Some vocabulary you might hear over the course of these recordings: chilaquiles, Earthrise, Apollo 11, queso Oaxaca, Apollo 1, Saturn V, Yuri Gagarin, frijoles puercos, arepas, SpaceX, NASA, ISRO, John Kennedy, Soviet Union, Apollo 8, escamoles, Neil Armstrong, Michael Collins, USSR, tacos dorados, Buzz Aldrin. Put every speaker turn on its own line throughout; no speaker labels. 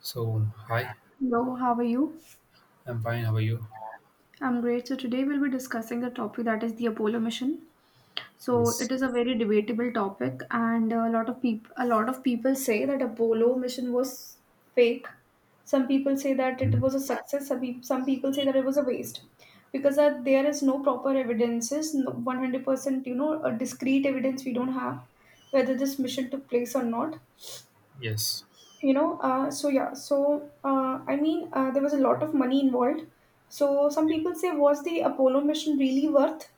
So, hi,
Hello, how are you?
I'm fine. How are you?
I'm great. So today we'll be discussing a topic that is the Apollo mission. So
Yes.
it is a very debatable topic, and a lot of people say that Apollo mission was fake. Some people say that it
Mhm.
was a success. Some people say that it was a waste because there is no proper evidences, no, 100% a discrete evidence we don't have whether this mission took place or not.
Yes.
You know so yeah so I mean There was a lot of money involved, so some people say, was the Apollo mission really worth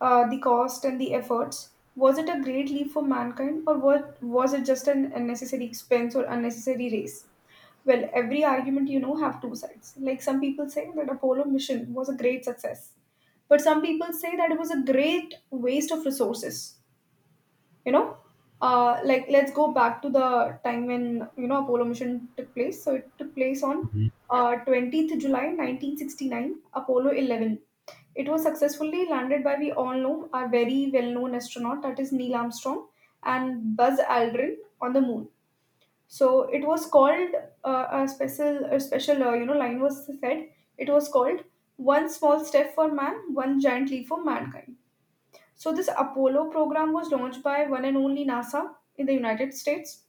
the cost and the efforts? Was it a great leap for mankind, or what was it? Just an unnecessary expense or unnecessary race? Well, every argument have two sides. Like some people say that Apollo mission was a great success, but some people say that it was a great waste of resources, you know. Like, let's go back to the time when, you know, Apollo mission took place. So it took place on
Mhm.
20th July 1969, Apollo 11. It was successfully landed by, we all know, our very well known astronaut, that is Neil Armstrong and Buzz Aldrin, on the moon. So it was called a special you know, line was said. It was called, one small step for man, one giant leap for mankind. So this Apollo program was launched by one and only NASA in the United States.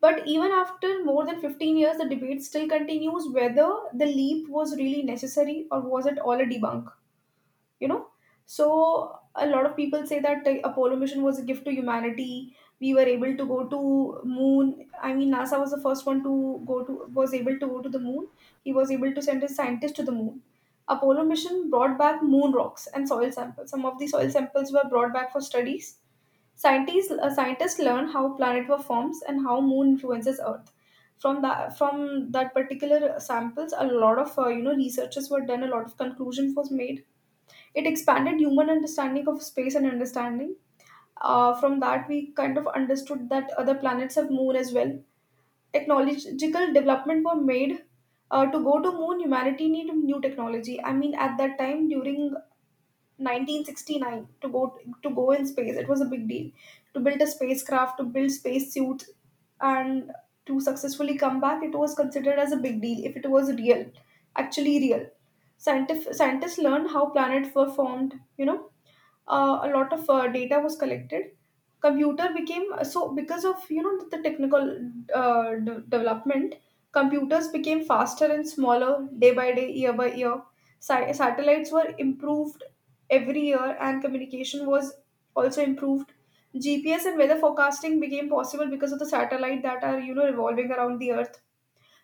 But even after more than 15 years, the debate still continues whether the leap was really necessary, or was it all a debunk, you know. So a lot of people say that the Apollo mission was a gift to humanity. We were able to go to moon. I mean, NASA was the first one to go to was able to go to the moon. He was able to send his scientists to the moon. Apollo mission brought back moon rocks and soil samples. Some of the soil samples were brought back for studies. Scientists learned how planet were forms and how moon influences earth. From that particular samples, a lot of researches were done, a lot of conclusions was made. It expanded human understanding of space and understanding. From that, we kind of understood that other planets have moon as well. Technological development were made. To go to moon, humanity needed new technology. I mean, at that time, during 1969, to go in space, it was a big deal. To build a spacecraft, to build space suits, and to successfully come back, it was considered as a big deal, if it was real, actually real. Scientists learned how planets were formed, you know. A lot of data was collected. Computer became, so because of, you know, the technical development, computers became faster and smaller day by day, year by year. Satellites were improved every year, and communication was also improved. GPS and weather forecasting became possible because of the satellite that are, you know, revolving around the earth.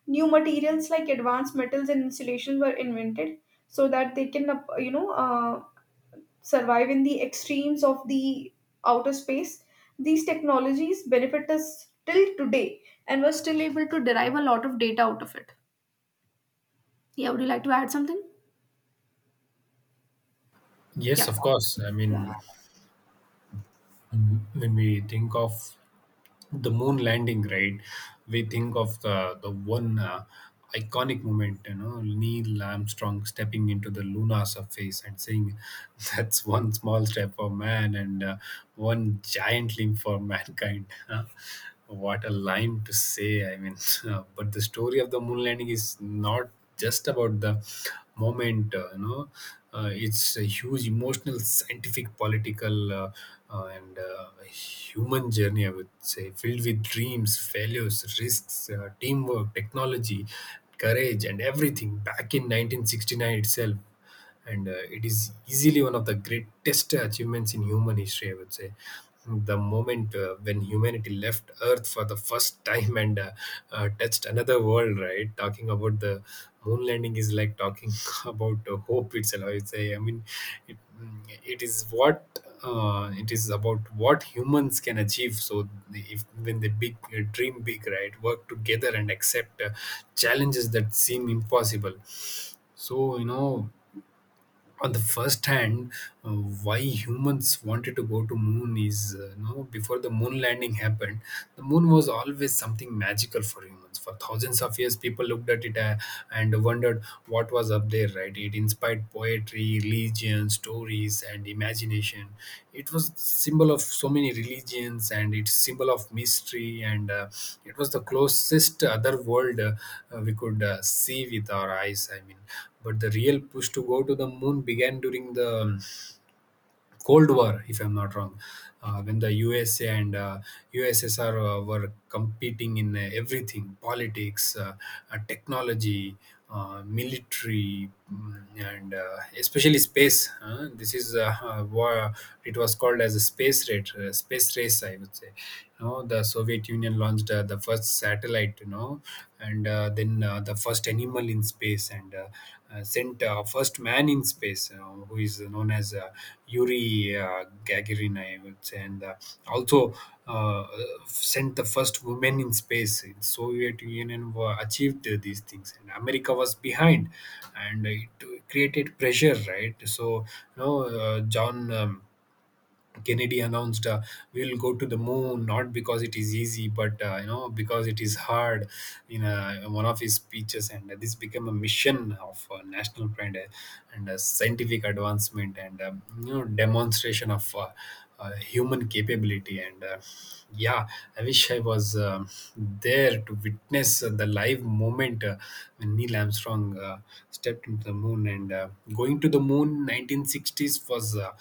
New materials like advanced metals and insulation were invented so that they can survive in the extremes of the outer space. These technologies benefit us till today, and we're still able to derive a lot of data out of it. Yeah, would you like to add something?
Yes,
Yeah,
of course. I mean, when we think of the moon landing, right, we think of the one iconic moment, you know, Neil Armstrong stepping into the lunar surface and saying, that's one small step for man and one giant leap for mankind. Huh? What a line to say. I mean, but the story of the moon landing is not just about the moment. It's a huge emotional scientific political and human journey, I would say, filled with dreams, failures, risks, teamwork, technology, courage, and everything back in 1969 itself. And it is easily one of the greatest achievements in human history, I would say. The moment when humanity left earth for the first time and touched another world, right? Talking about the moon landing is like talking about hope itself, I would say. I mean, it is what it is about, what humans can achieve. So if when they big dream big, right, work together and accept challenges that seem impossible. So you know, on the first hand, why humans wanted to go to moon is, you know, before the moon landing happened, the moon was always something magical for humans. For thousands of years, people looked at it and wondered what was up there, right? It inspired poetry, religion, stories, and imagination. It was symbol of so many religions, and it's symbol of mystery, and it was the closest other world we could see with our eyes. I mean, but the real push to go to the moon began during the Cold War, if I'm not wrong, when the USA and USSR were competing in everything: politics, technology, military, and especially space. Huh? This is what it was called as a space race, I would say. You know, the Soviet Union launched the first satellite, you know, and then the first animal in space, and sent first man in space, who is known as Yuri uh, Gagarin, I would say, and also uh, sent the first woman in space in Soviet Union were achieved these things. And America was behind, and it created pressure, right? So you know, John Kennedy announced, we'll go to the moon not because it is easy but you know, because it is hard, in one of his speeches. And this became a mission of national pride and a scientific advancement and you know, demonstration of human capability and yeah, I wish I was there to witness the live moment when Neil Armstrong stepped into the moon, and going to the moon 1960s was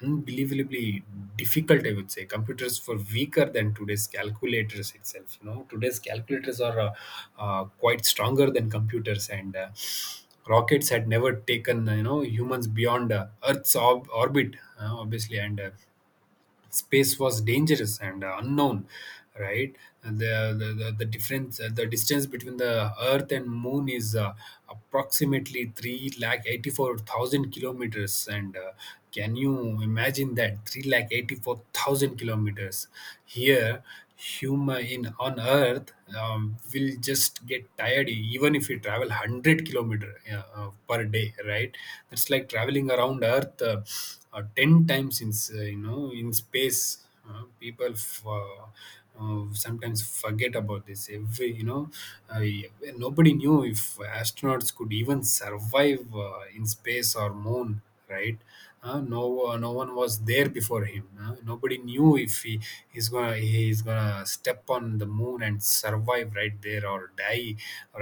unbelievably difficult, I would say. Computers were weaker than today's calculators itself. You know, today's calculators are quite stronger than computers, and rockets had never taken, you know, humans beyond earth's orbit, obviously, and space was dangerous and unknown, right? And the difference, the distance between the earth and moon is approximately 3 lakh 84,000 kilometers, and can you imagine that? 3 lakh 84,000 kilometers here. Human on earth will just get tired, even if you travel 100 kilometer per day, right? That's like traveling around earth 10 times in you know, in space people sometimes forget about this every you know, uh, e, nobody knew if astronauts could even survive in space or moon, right? No one was there before him. Nobody knew if he's gonna step on the moon and survive right there or die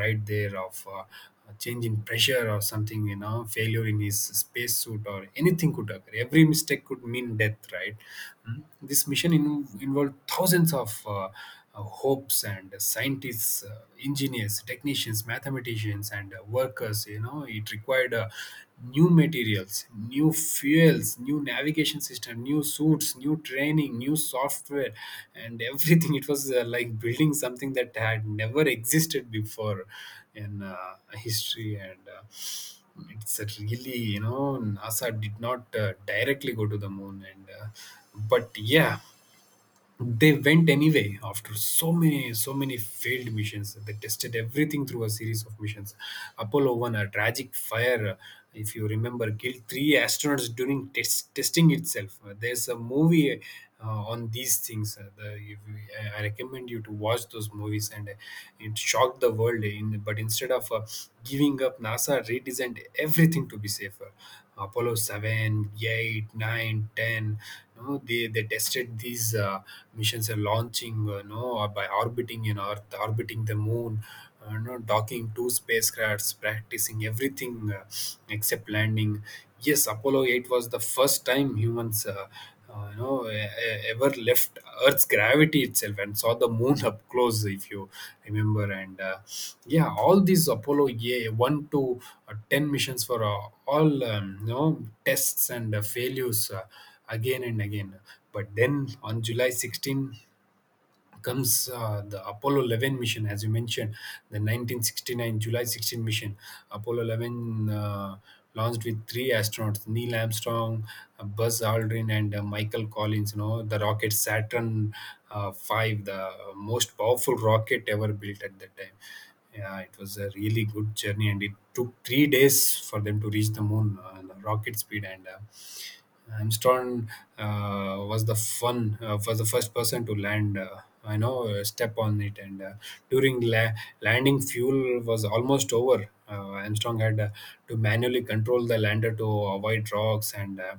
right there of a change in pressure or something. You know, failure in his spacesuit or anything could occur. Every mistake could mean death, right? Mm. This mission involved thousands of. Hopes and scientists, engineers, technicians, mathematicians, and workers. You know, it required new materials, new fuels, new navigation system, new suits, new training, new software, and everything. It was like building something that had never existed before in history and. It's a really you know NASA did not directly go to the moon, and but yeah, they went anyway after so many failed missions. They tested everything through a series of missions. Apollo 1, a tragic fire, if you remember, killed three astronauts during testing itself. There's a movie on these things. If you, I recommend you to watch those movies, and it shocked the world in, but instead of giving up, NASA redesigned everything to be safer. Apollo seven, eight, nine, ten. 8, you know, they tested these missions are launching, you know, or by orbiting in Earth, orbiting the moon, you know, docking two spacecrafts, practicing everything except landing. Yes, Apollo 8 was the first time humans you know, ever left earth's gravity itself and saw the moon up close, if you remember, and yeah, all these apollo, yeah, 1 to 10 missions for all, you know, tests and failures again and again. But then on july 16 comes the Apollo 11 mission, as you mentioned, the 1969 July 16 mission. Apollo 11 launched with three astronauts: Neil Armstrong, Buzz Aldrin, and Michael Collins. You know, the rocket Saturn V, the most powerful rocket ever built at that time. Yeah, it was a really good journey, and it took 3 days for them to reach the moon on a rocket speed and. Armstrong was the first person to land. I know step on it, and during landing, fuel was almost over. Armstrong had to manually control the lander to avoid rocks, and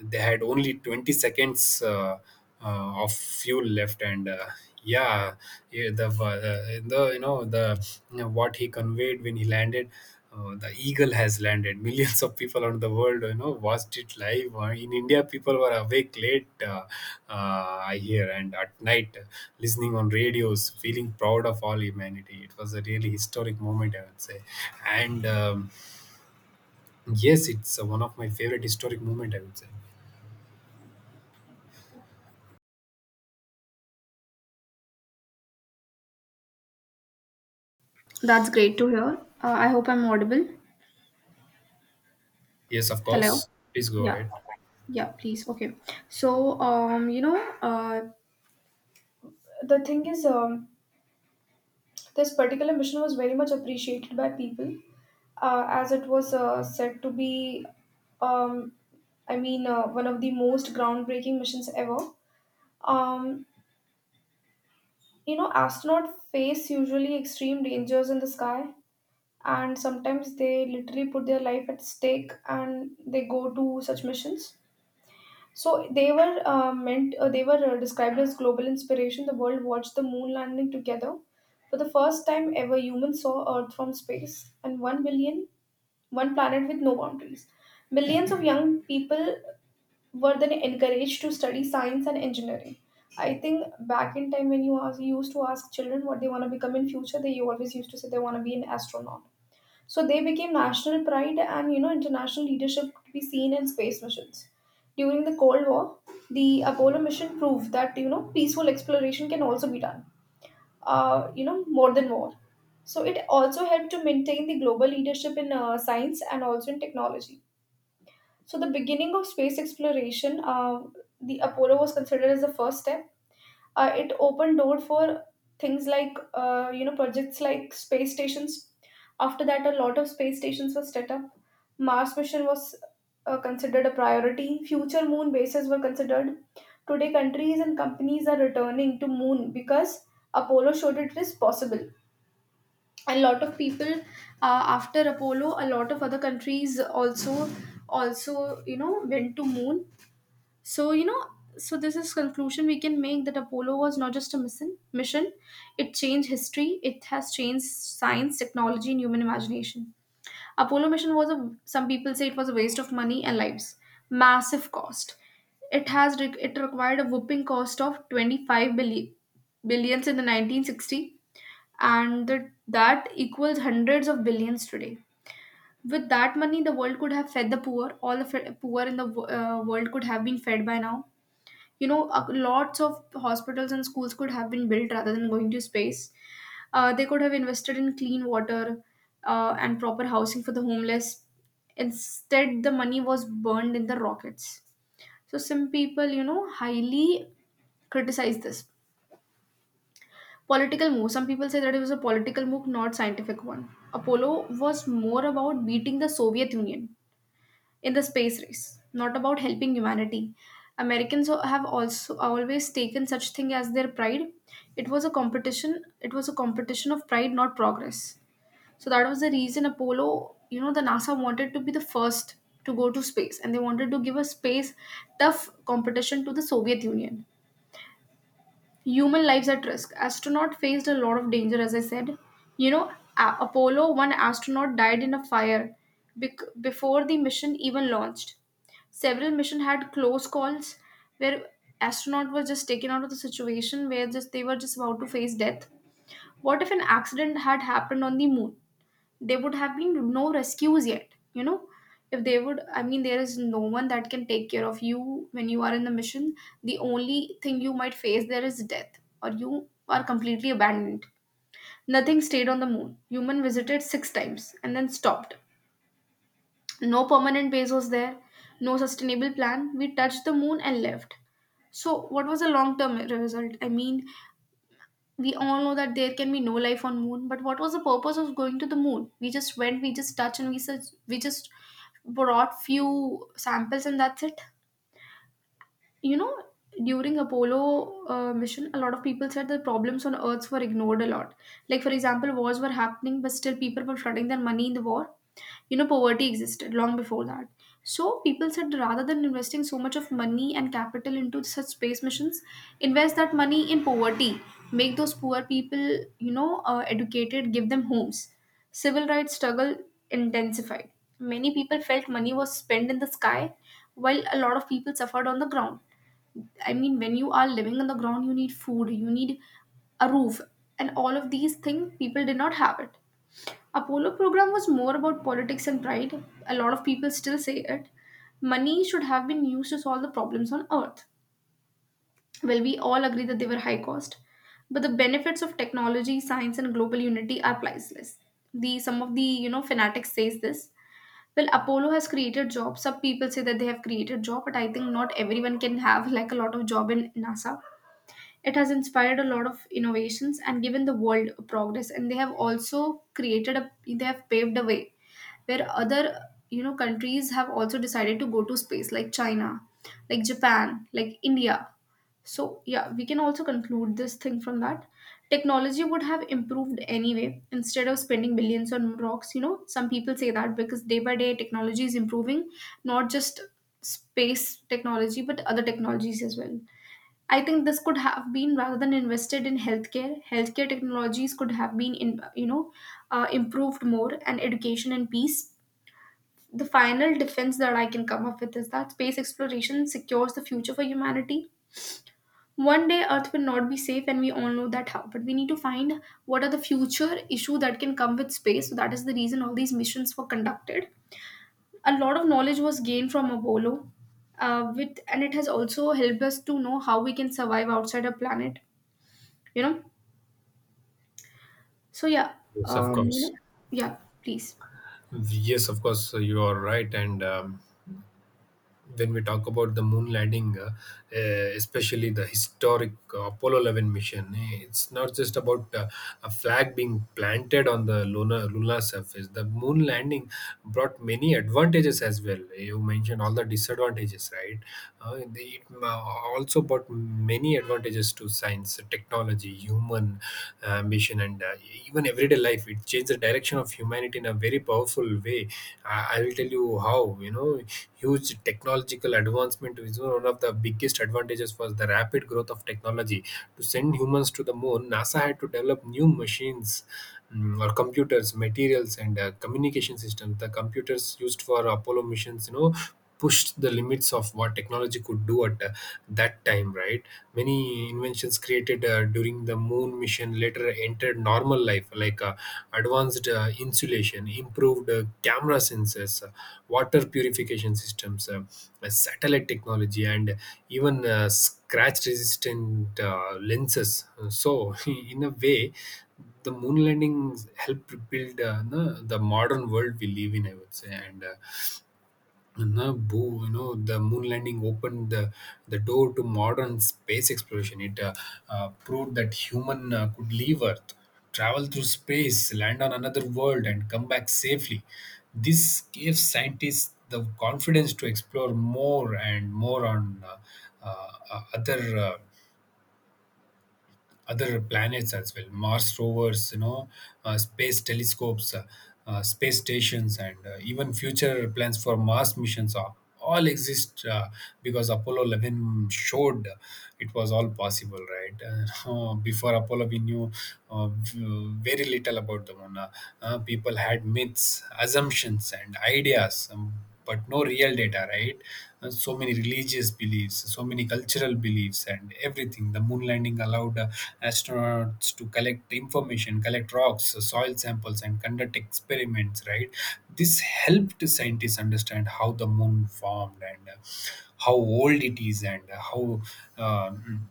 they had only 20 seconds. Of fuel left and yeah. Yeah, the what he conveyed when he landed, the eagle has landed. Millions of people around the world, you know, watched it live. In india people were awake late, I hear, and at night listening on radios, feeling proud of all humanity. It was a really historic moment, I would say, and yes, it's one of my favorite historic moment, I would say.
that's great to hear. I hope I'm audible.
Yes, of
Hello.
course, please go
Yeah.
ahead.
Yeah, please. Okay. So, the thing is, this particular mission was very much appreciated by people, as it was said to be, um, one of the most groundbreaking missions ever. Um, you know, astronauts face usually extreme dangers in the sky, and sometimes they literally put their life at stake and they go to such missions. So they were meant, they were described as global inspiration. The world watched the moon landing together. For the first time ever, humans saw Earth from space, and 1 billion, one planet with no boundaries. Millions of young people were then encouraged to study science and engineering. I think back in time when you used to ask children what they want to become in future, they always used to say they want to be an astronaut. So they became national pride, and you know, international leadership to be seen in space missions. During the Cold War, the Apollo mission proved that, you know, peaceful exploration can also be done. You know, more than war. So it also helped to maintain the global leadership in science and also in technology. So the beginning of space exploration, the Apollo was considered as the first step. It opened door for things like, projects like space stations. After that, a lot of space stations were set up. Mars mission was considered a priority. Future moon bases were considered. Today countries and companies are returning to moon because Apollo showed it is possible. A lot of people, after Apollo, a lot of other countries also, you know, went to moon. So, you know, so this is conclusion we can make, that Apollo was not just a mission. It changed history. It has changed science, technology, and human imagination. Apollo mission was a, some people say it was a waste of money and lives, massive cost. It required a whooping cost of billions in the 1960, and the, that equals hundreds of billions today. With that money, the world could have fed the poor. All the poor in the world could have been fed by now, you know. Lots of hospitals and schools could have been built rather than going to space. Uh, they could have invested in clean water, and proper housing for the homeless. Instead the money was burned in the rockets. So some people, you know, highly criticize this. Political move, some people say that it was a political move, not scientific one. Apollo was more about beating the Soviet Union in the space race, not about helping humanity. Americans have also always taken such thing as their pride. It was a competition. It was a competition of pride, not progress. So that was the reason Apollo, you know, the NASA wanted to be the first to go to space, and they wanted to give a space tough competition to the Soviet Union. Human lives at risk. Astronaut faced a lot of danger, as I said. You know, Apollo one astronaut died in a fire before the mission even launched. Several missions had close calls where astronaut was just taken out of the situation where just they were just about to face death. What if an accident had happened on the moon? There would have been no rescues yet, you know? If they would, I mean, there is no one that can take care of you when you are in the mission. The only thing you might face there is death, or you are completely abandoned. Nothing stayed on the moon. Human visited six times and then stopped. No permanent base was there, no sustainable plan. We touched the moon and left. So, what was the long term result? I mean, we all know that there can be no life on moon, but what was the purpose of going to the moon? We just went, we just touched, and we just brought few samples, and that's it. You know, during Apollo mission, a lot of people said the problems on Earth were ignored a lot. Like for example, wars were happening, but still people were flooding their money in the war. You know, poverty existed long before that. So people said, rather than investing so much of money and capital into such space missions, invest that money in poverty. Make those poor people, you know, educated, give them homes. Civil rights struggle intensified. Many people felt money was spent in the sky while a lot of people suffered on the ground. I mean, when you are living on the ground, you need food, you need a roof, and all of these things people did not have it. Apollo program was more about politics and pride. A lot of people still say it. Money should have been used to solve the problems on Earth. Well, we all agree that they were high cost, but the benefits of technology, science, and global unity are priceless. The some of the, you know, fanatics says this. Well, Apollo has created jobs. Some people say that they have created job, but I think not everyone can have like a lot of job in NASA. It has inspired a lot of innovations and given the world progress. And they have also they have paved a way where other countries have also decided to go to space, like China, like Japan, like India. So, yeah, we can also conclude this thing from that. Technology would have improved anyway instead of spending billions on rocks. You know, some people say that because day by day technology is improving, not just space technology, but other technologies as well. I think this could have been rather than invested in healthcare. Healthcare technologies could have been in you know improved more, and education and peace. The final defense that I can come up with is that space exploration secures the future for humanity. One day Earth will not be safe, and we all know that how. But we need to find what are the future issue that can come with space. So that is the reason all these missions were conducted. A lot of knowledge was gained from Apollo, with and it has also helped us to know how we can survive outside our planet you know so yeah
Yes, of
um you
course.
know yeah, please.
Yes, of course, you are right. And when we talk about the moon landing, uh, especially the historic Apollo 11 mission, eh, it's not just about a flag being planted on the lunar surface. The moon landing brought many advantages as well. You mentioned all the disadvantages, right? It also brought many advantages to science, technology, human ambition, and even everyday life. It changed change the direction of humanity in a very powerful way. I will tell you how. You know, huge technological advancement is one of the biggest advantages was the rapid growth of technology. To send humans to the moon, NASA had to develop new machines, or computers, materials, and communication systems. The computers used for Apollo missions, you know, pushed the limits of what technology could do at that time, right? Many inventions created during the moon mission later entered normal life, like advanced insulation, improved camera sensors, water purification systems, satellite technology, and even scratch resistant lenses. So in a way, the moon landings helped build, the modern world we live in, I would say. And and now, boo, you know, the moon landing opened the door to modern space exploration. It proved that human could leave Earth, travel through space, land on another world, and come back safely. This gave scientists the confidence to explore more and more on uh, uh, other. Uh, other planets as well. Mars rovers, you know, space telescopes, space stations, and even future plans for mars missions are all exist because Apollo 11 showed it was all possible, right? Before apollo we knew very little about the moon. People had myths, assumptions, and ideas. But no real data, right? And so many religious beliefs, so many cultural beliefs, and everything. The moon landing allowed astronauts to collect information, collect rocks, soil samples, and conduct experiments, right? This helped scientists understand how the moon formed and how old it is and how. Um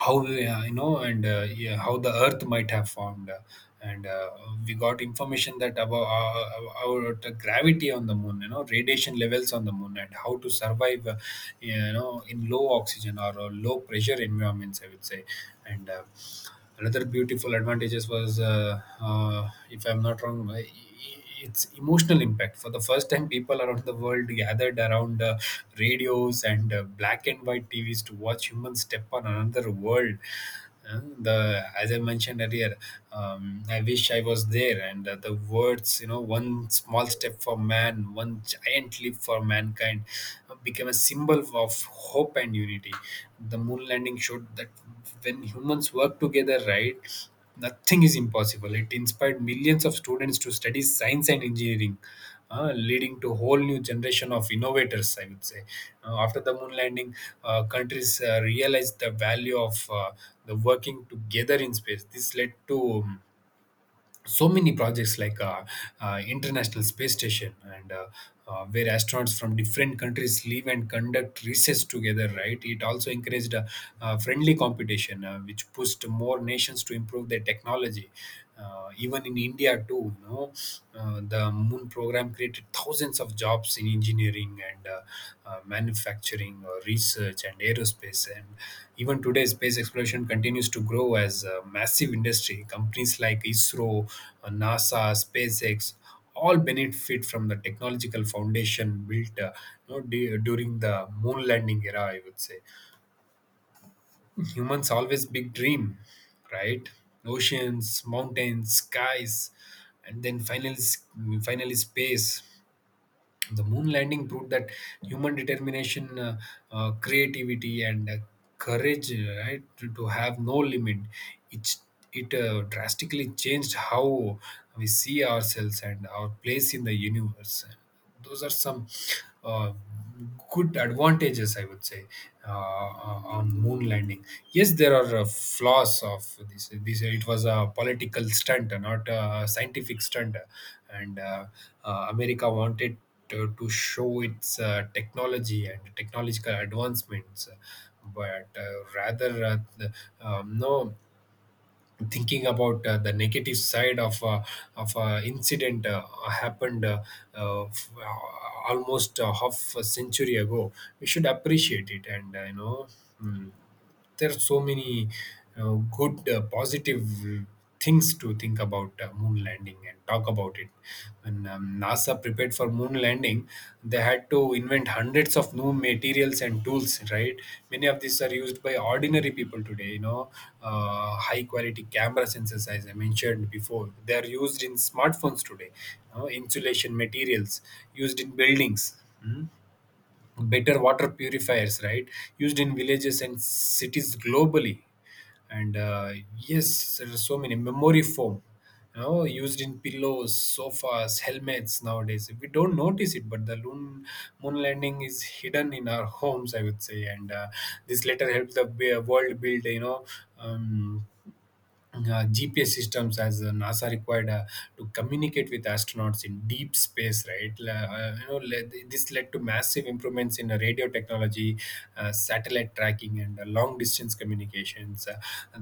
how we, how the earth might have formed and We got information that about our the gravity on the moon, you know, radiation levels on the moon, and how to survive, you know, in low oxygen or low pressure environments, I would say. And uh, another beautiful advantages was if I'm not wrong, its emotional impact. For the first time, people around the world gathered around radios and black and white TVs to watch humans step on another world. The as I mentioned earlier, I wish I was there. And the words, you know, one small step for man, one giant leap for mankind, became a symbol of hope and unity. The moon landing showed that when humans work together, right? Nothing is impossible. It inspired millions of students to study science and engineering, leading to whole new generation of innovators, I would say. After the moon landing, countries realized the value of the working together in space. This led to so many projects like international space station and where astronauts from different countries live and conduct research together, right? It also encouraged friendly competition, which pushed more nations to improve their technology, even in India too, you know. The moon program created thousands of jobs, jobs in engineering and manufacturing or research and aerospace. And even today, space exploration continues to grow as a massive industry. Companies like ISRO, NASA, SpaceX all benefit from the technological foundation built, you know, during the moon landing era, I would say. Humans always big dream, right? Oceans, mountains, skies, and then finally space. The moon landing proved that human determination, creativity, and courage, right, to have no limit. It it drastically changed how we see ourselves and our place in the universe. Those are some. Uh, Good advantages, I would say, on moon landing. Yes, there are flaws of this. It was a political stunt, not a scientific stunt, and America wanted to show its technology and technological advancements, but rather uh, the- no thinking about the negative side of incident happened, almost half a century ago. We should appreciate it and, you know, mm, there's so many uh, good, positive things to think about, moon landing, and talk about it. When NASA prepared for moon landing, they had to invent hundreds of new materials and tools. Right, many of these are used by ordinary people today. You know, high quality camera sensors, as I mentioned before, they are used in smartphones today. You know, insulation materials used in buildings. Mm Better water purifiers, right, used in villages and cities globally. And Yes, there are so many memory foam, you know, used in pillows, sofas, helmets. Nowadays we don't notice it, but moon landing is hidden in our homes, I would say. And This letter helps the world build, you know, um, GPS systems, as NASA required to communicate with astronauts in deep space, right? You know, this led to massive improvements in radio technology, satellite tracking, and long distance communications.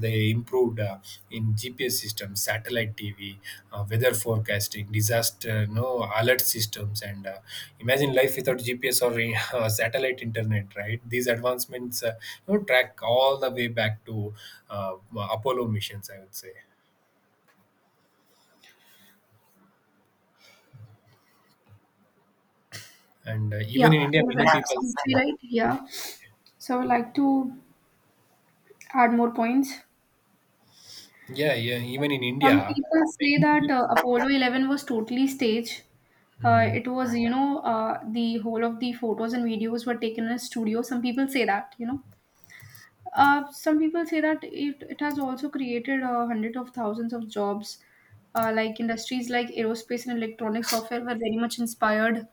They improved in GPS system, satellite TV, weather forecasting, disaster no alert systems, and imagine life without GPS or satellite internet. Right, these advancements, you know, track all the way back to Apollo missions, I would say. And Even
Yeah,
in India,
all
many
right.
people.
Sounds right. Yeah, so I would like to add more points.
Yeah, yeah, even in
Some
India,
people say
many
that
people.
Apollo 11 was totally staged.
Mm-hmm.
It was, the whole of the photos and videos were taken in a studio, some people say that. Some people say that it has also created hundreds of thousands of jobs. Like industries like aerospace and electronic software were very much inspired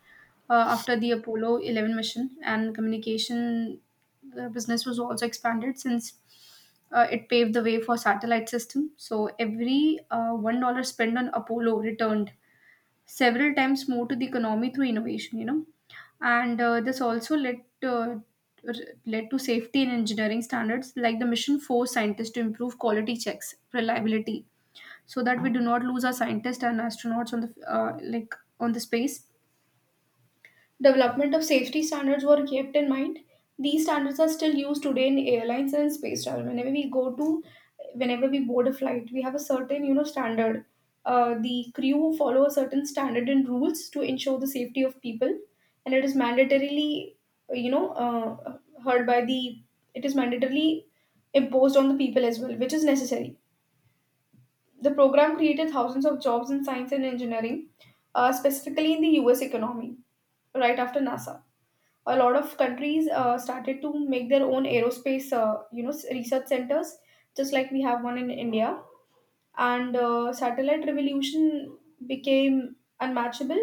after the Apollo 11 mission, and communication business was also expanded since it paved the way for satellite system. So every $1 spent on Apollo returned several times more to the economy through innovation, you know. And this also led uh, led to safety and engineering standards, like the mission forced scientists to improve quality checks, reliability, so that we do not lose our scientists and astronauts on the like on the space. Development of safety standards were kept in mind. These standards are still used today in airlines and space travel. Whenever we board a flight, we have a certain, you know, standard. The crew follow a certain standard and rules to ensure the safety of people, and it is mandatorily you know heard by the it is mandatorily imposed on the people as well, which is necessary. The program created thousands of jobs in science and engineering, specifically in the U.S. economy right after NASA. A lot of countries started to make their own aerospace, research centers, just like we have one in India. And satellite revolution became unmatchable.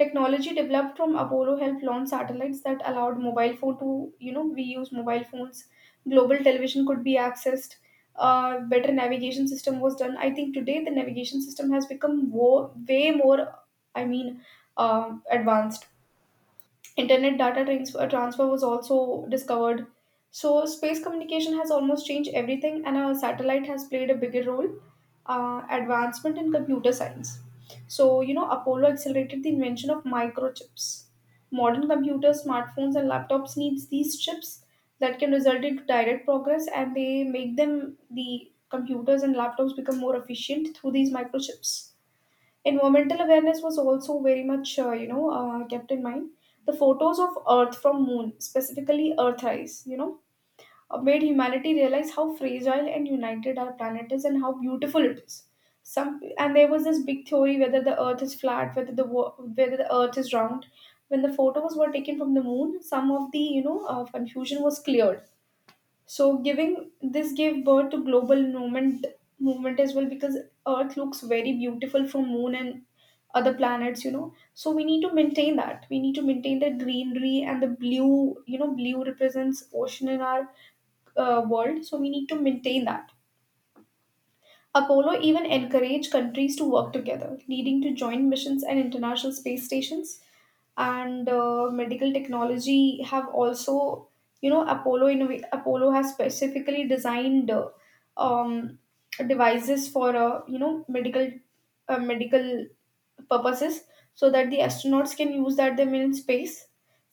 Technology developed from Apollo helped launch satellites that allowed mobile phone to, you know, we use mobile phones. Global television could be accessed. Better navigation system was done. I think today the navigation system has become way more, i mean uh, advanced. Internet data transfer was also discovered. So, space communication has almost changed everything, and a satellite has played a bigger role. Advancement in computer science. So, you know, Apollo accelerated the invention of microchips. Modern computers, smartphones, and laptops needs these chips that can result into direct progress, and they make them the computers and laptops become more efficient through these microchips. Environmental awareness was also very much, kept in mind. The photos of Earth from Moon, specifically Earthrise, you know, made humanity realize how fragile and united our planet is and how beautiful it is. Some and there was this big theory whether the Earth is flat, whether the Earth is round. When the photos were taken from the Moon, some of the confusion was cleared. So giving this gave birth to global movement as well, because Earth looks very beautiful from Moon and other planets, you know. So we need to maintain that, we need to maintain the greenery and the blue, you know, blue represents ocean in our world, so we need to maintain that. Apollo even encouraged countries to work together, leading to joint missions and international space stations. And medical technology have also, you know, Apollo has specifically designed, um, devices for, medical, medical purposes, so that the astronauts can use that them in space.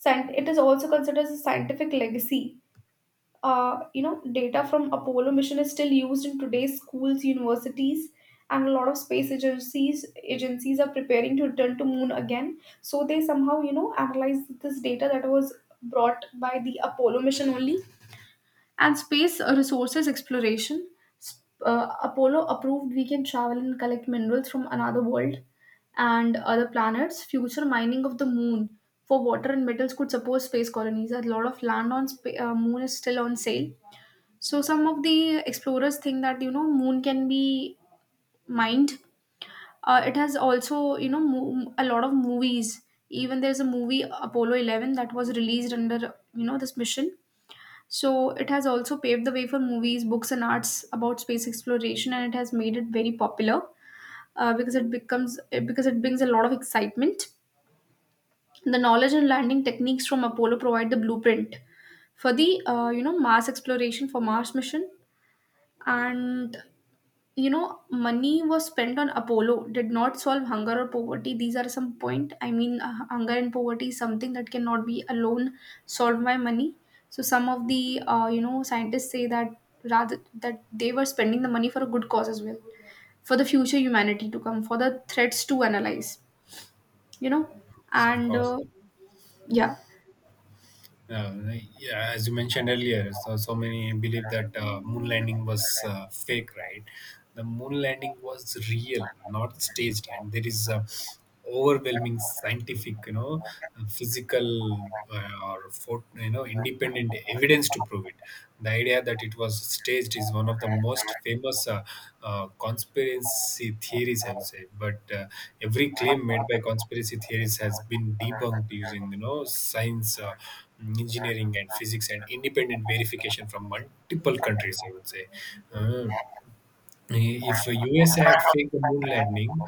It is also considered as a scientific legacy. You know, data from Apollo mission is still used in today's schools, universities, and a lot of space agencies are preparing to return to moon again, so they somehow, you know, analyze this data that was brought by the Apollo mission only. And space resources exploration. Apollo approved we can travel and collect minerals from another world and other planets. Future mining of the moon for water and metals could support space colonies. A lot of land on moon is still on sale, so some of the explorers think that, you know, moon can be mined. It has also, you know, a lot of movies. Even there's a movie Apollo 11 that was released under, you know, this mission. So it has also paved the way for movies, books, and arts about space exploration, and it has made it very popular uh, because it becomes because it brings a lot of excitement. The knowledge and landing techniques from Apollo provide the blueprint for the you know Mars exploration, for Mars mission. And you know, money was spent on Apollo did not solve hunger or poverty. These are some point, hunger and poverty is something that cannot be alone solved by money. So some of the scientists say that rather that they were spending the money for a good cause as well, for the future humanity to come, for the threats to analyze, you know.
Yes, of
And
course.
Yeah,
Uh, yeah, as you mentioned earlier, so many believe that moon landing was fake, right? The moon landing was real, not staged, and there is a overwhelming scientific, you know, physical you know independent evidence to prove it. The idea that it was staged is one of the most famous conspiracy theories, I would say. But every claim made by conspiracy theories has been debunked using, you know, science, engineering, and physics, and independent verification from multiple countries, I would say. Uh, if USA had faked the moon landing,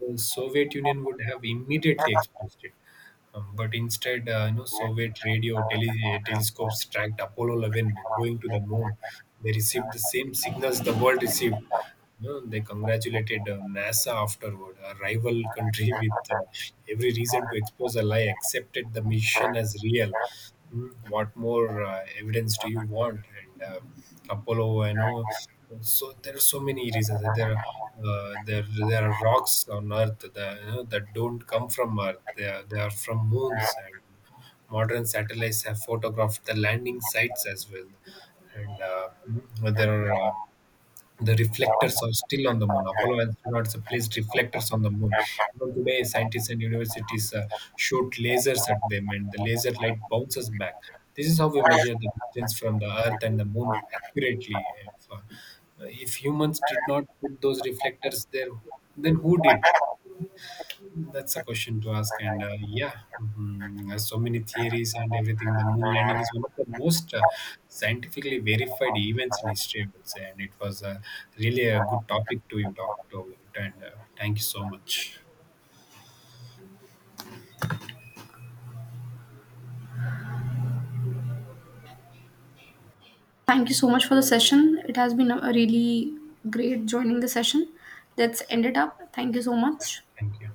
the Soviet Union would have immediately exposed it. But instead, you know, Soviet radio telescopes tracked Apollo 11 going to the moon. They received the same signals the world received. You know, they congratulated, NASA afterward. A rival country with every reason to expose a lie accepted the mission as real. What more evidence do you want? And Apollo. I know. So there are so many reasons. There are rocks on Earth that, you know, that don't come from Earth. They are from moons, and modern satellites have photographed the landing sites as well. And there are the reflectors are still on the moon. Apollo astronauts placed reflectors on the moon. Even today, scientists and universities shoot lasers at them, and the laser light bounces back. This is how we measure the distance from the Earth and the moon accurately. If humans did not put those reflectors there, then who did? That's a question to ask, and, yeah, mhm, there's so many theories and everything. The moon landing is one of the most scientifically verified events in history, I would say, and it was really a good topic to you talk to about. And thank you so much.
thank you so much for the session. It has been a really great joining the session. Let's end it up. Thank you so much.
Thank you.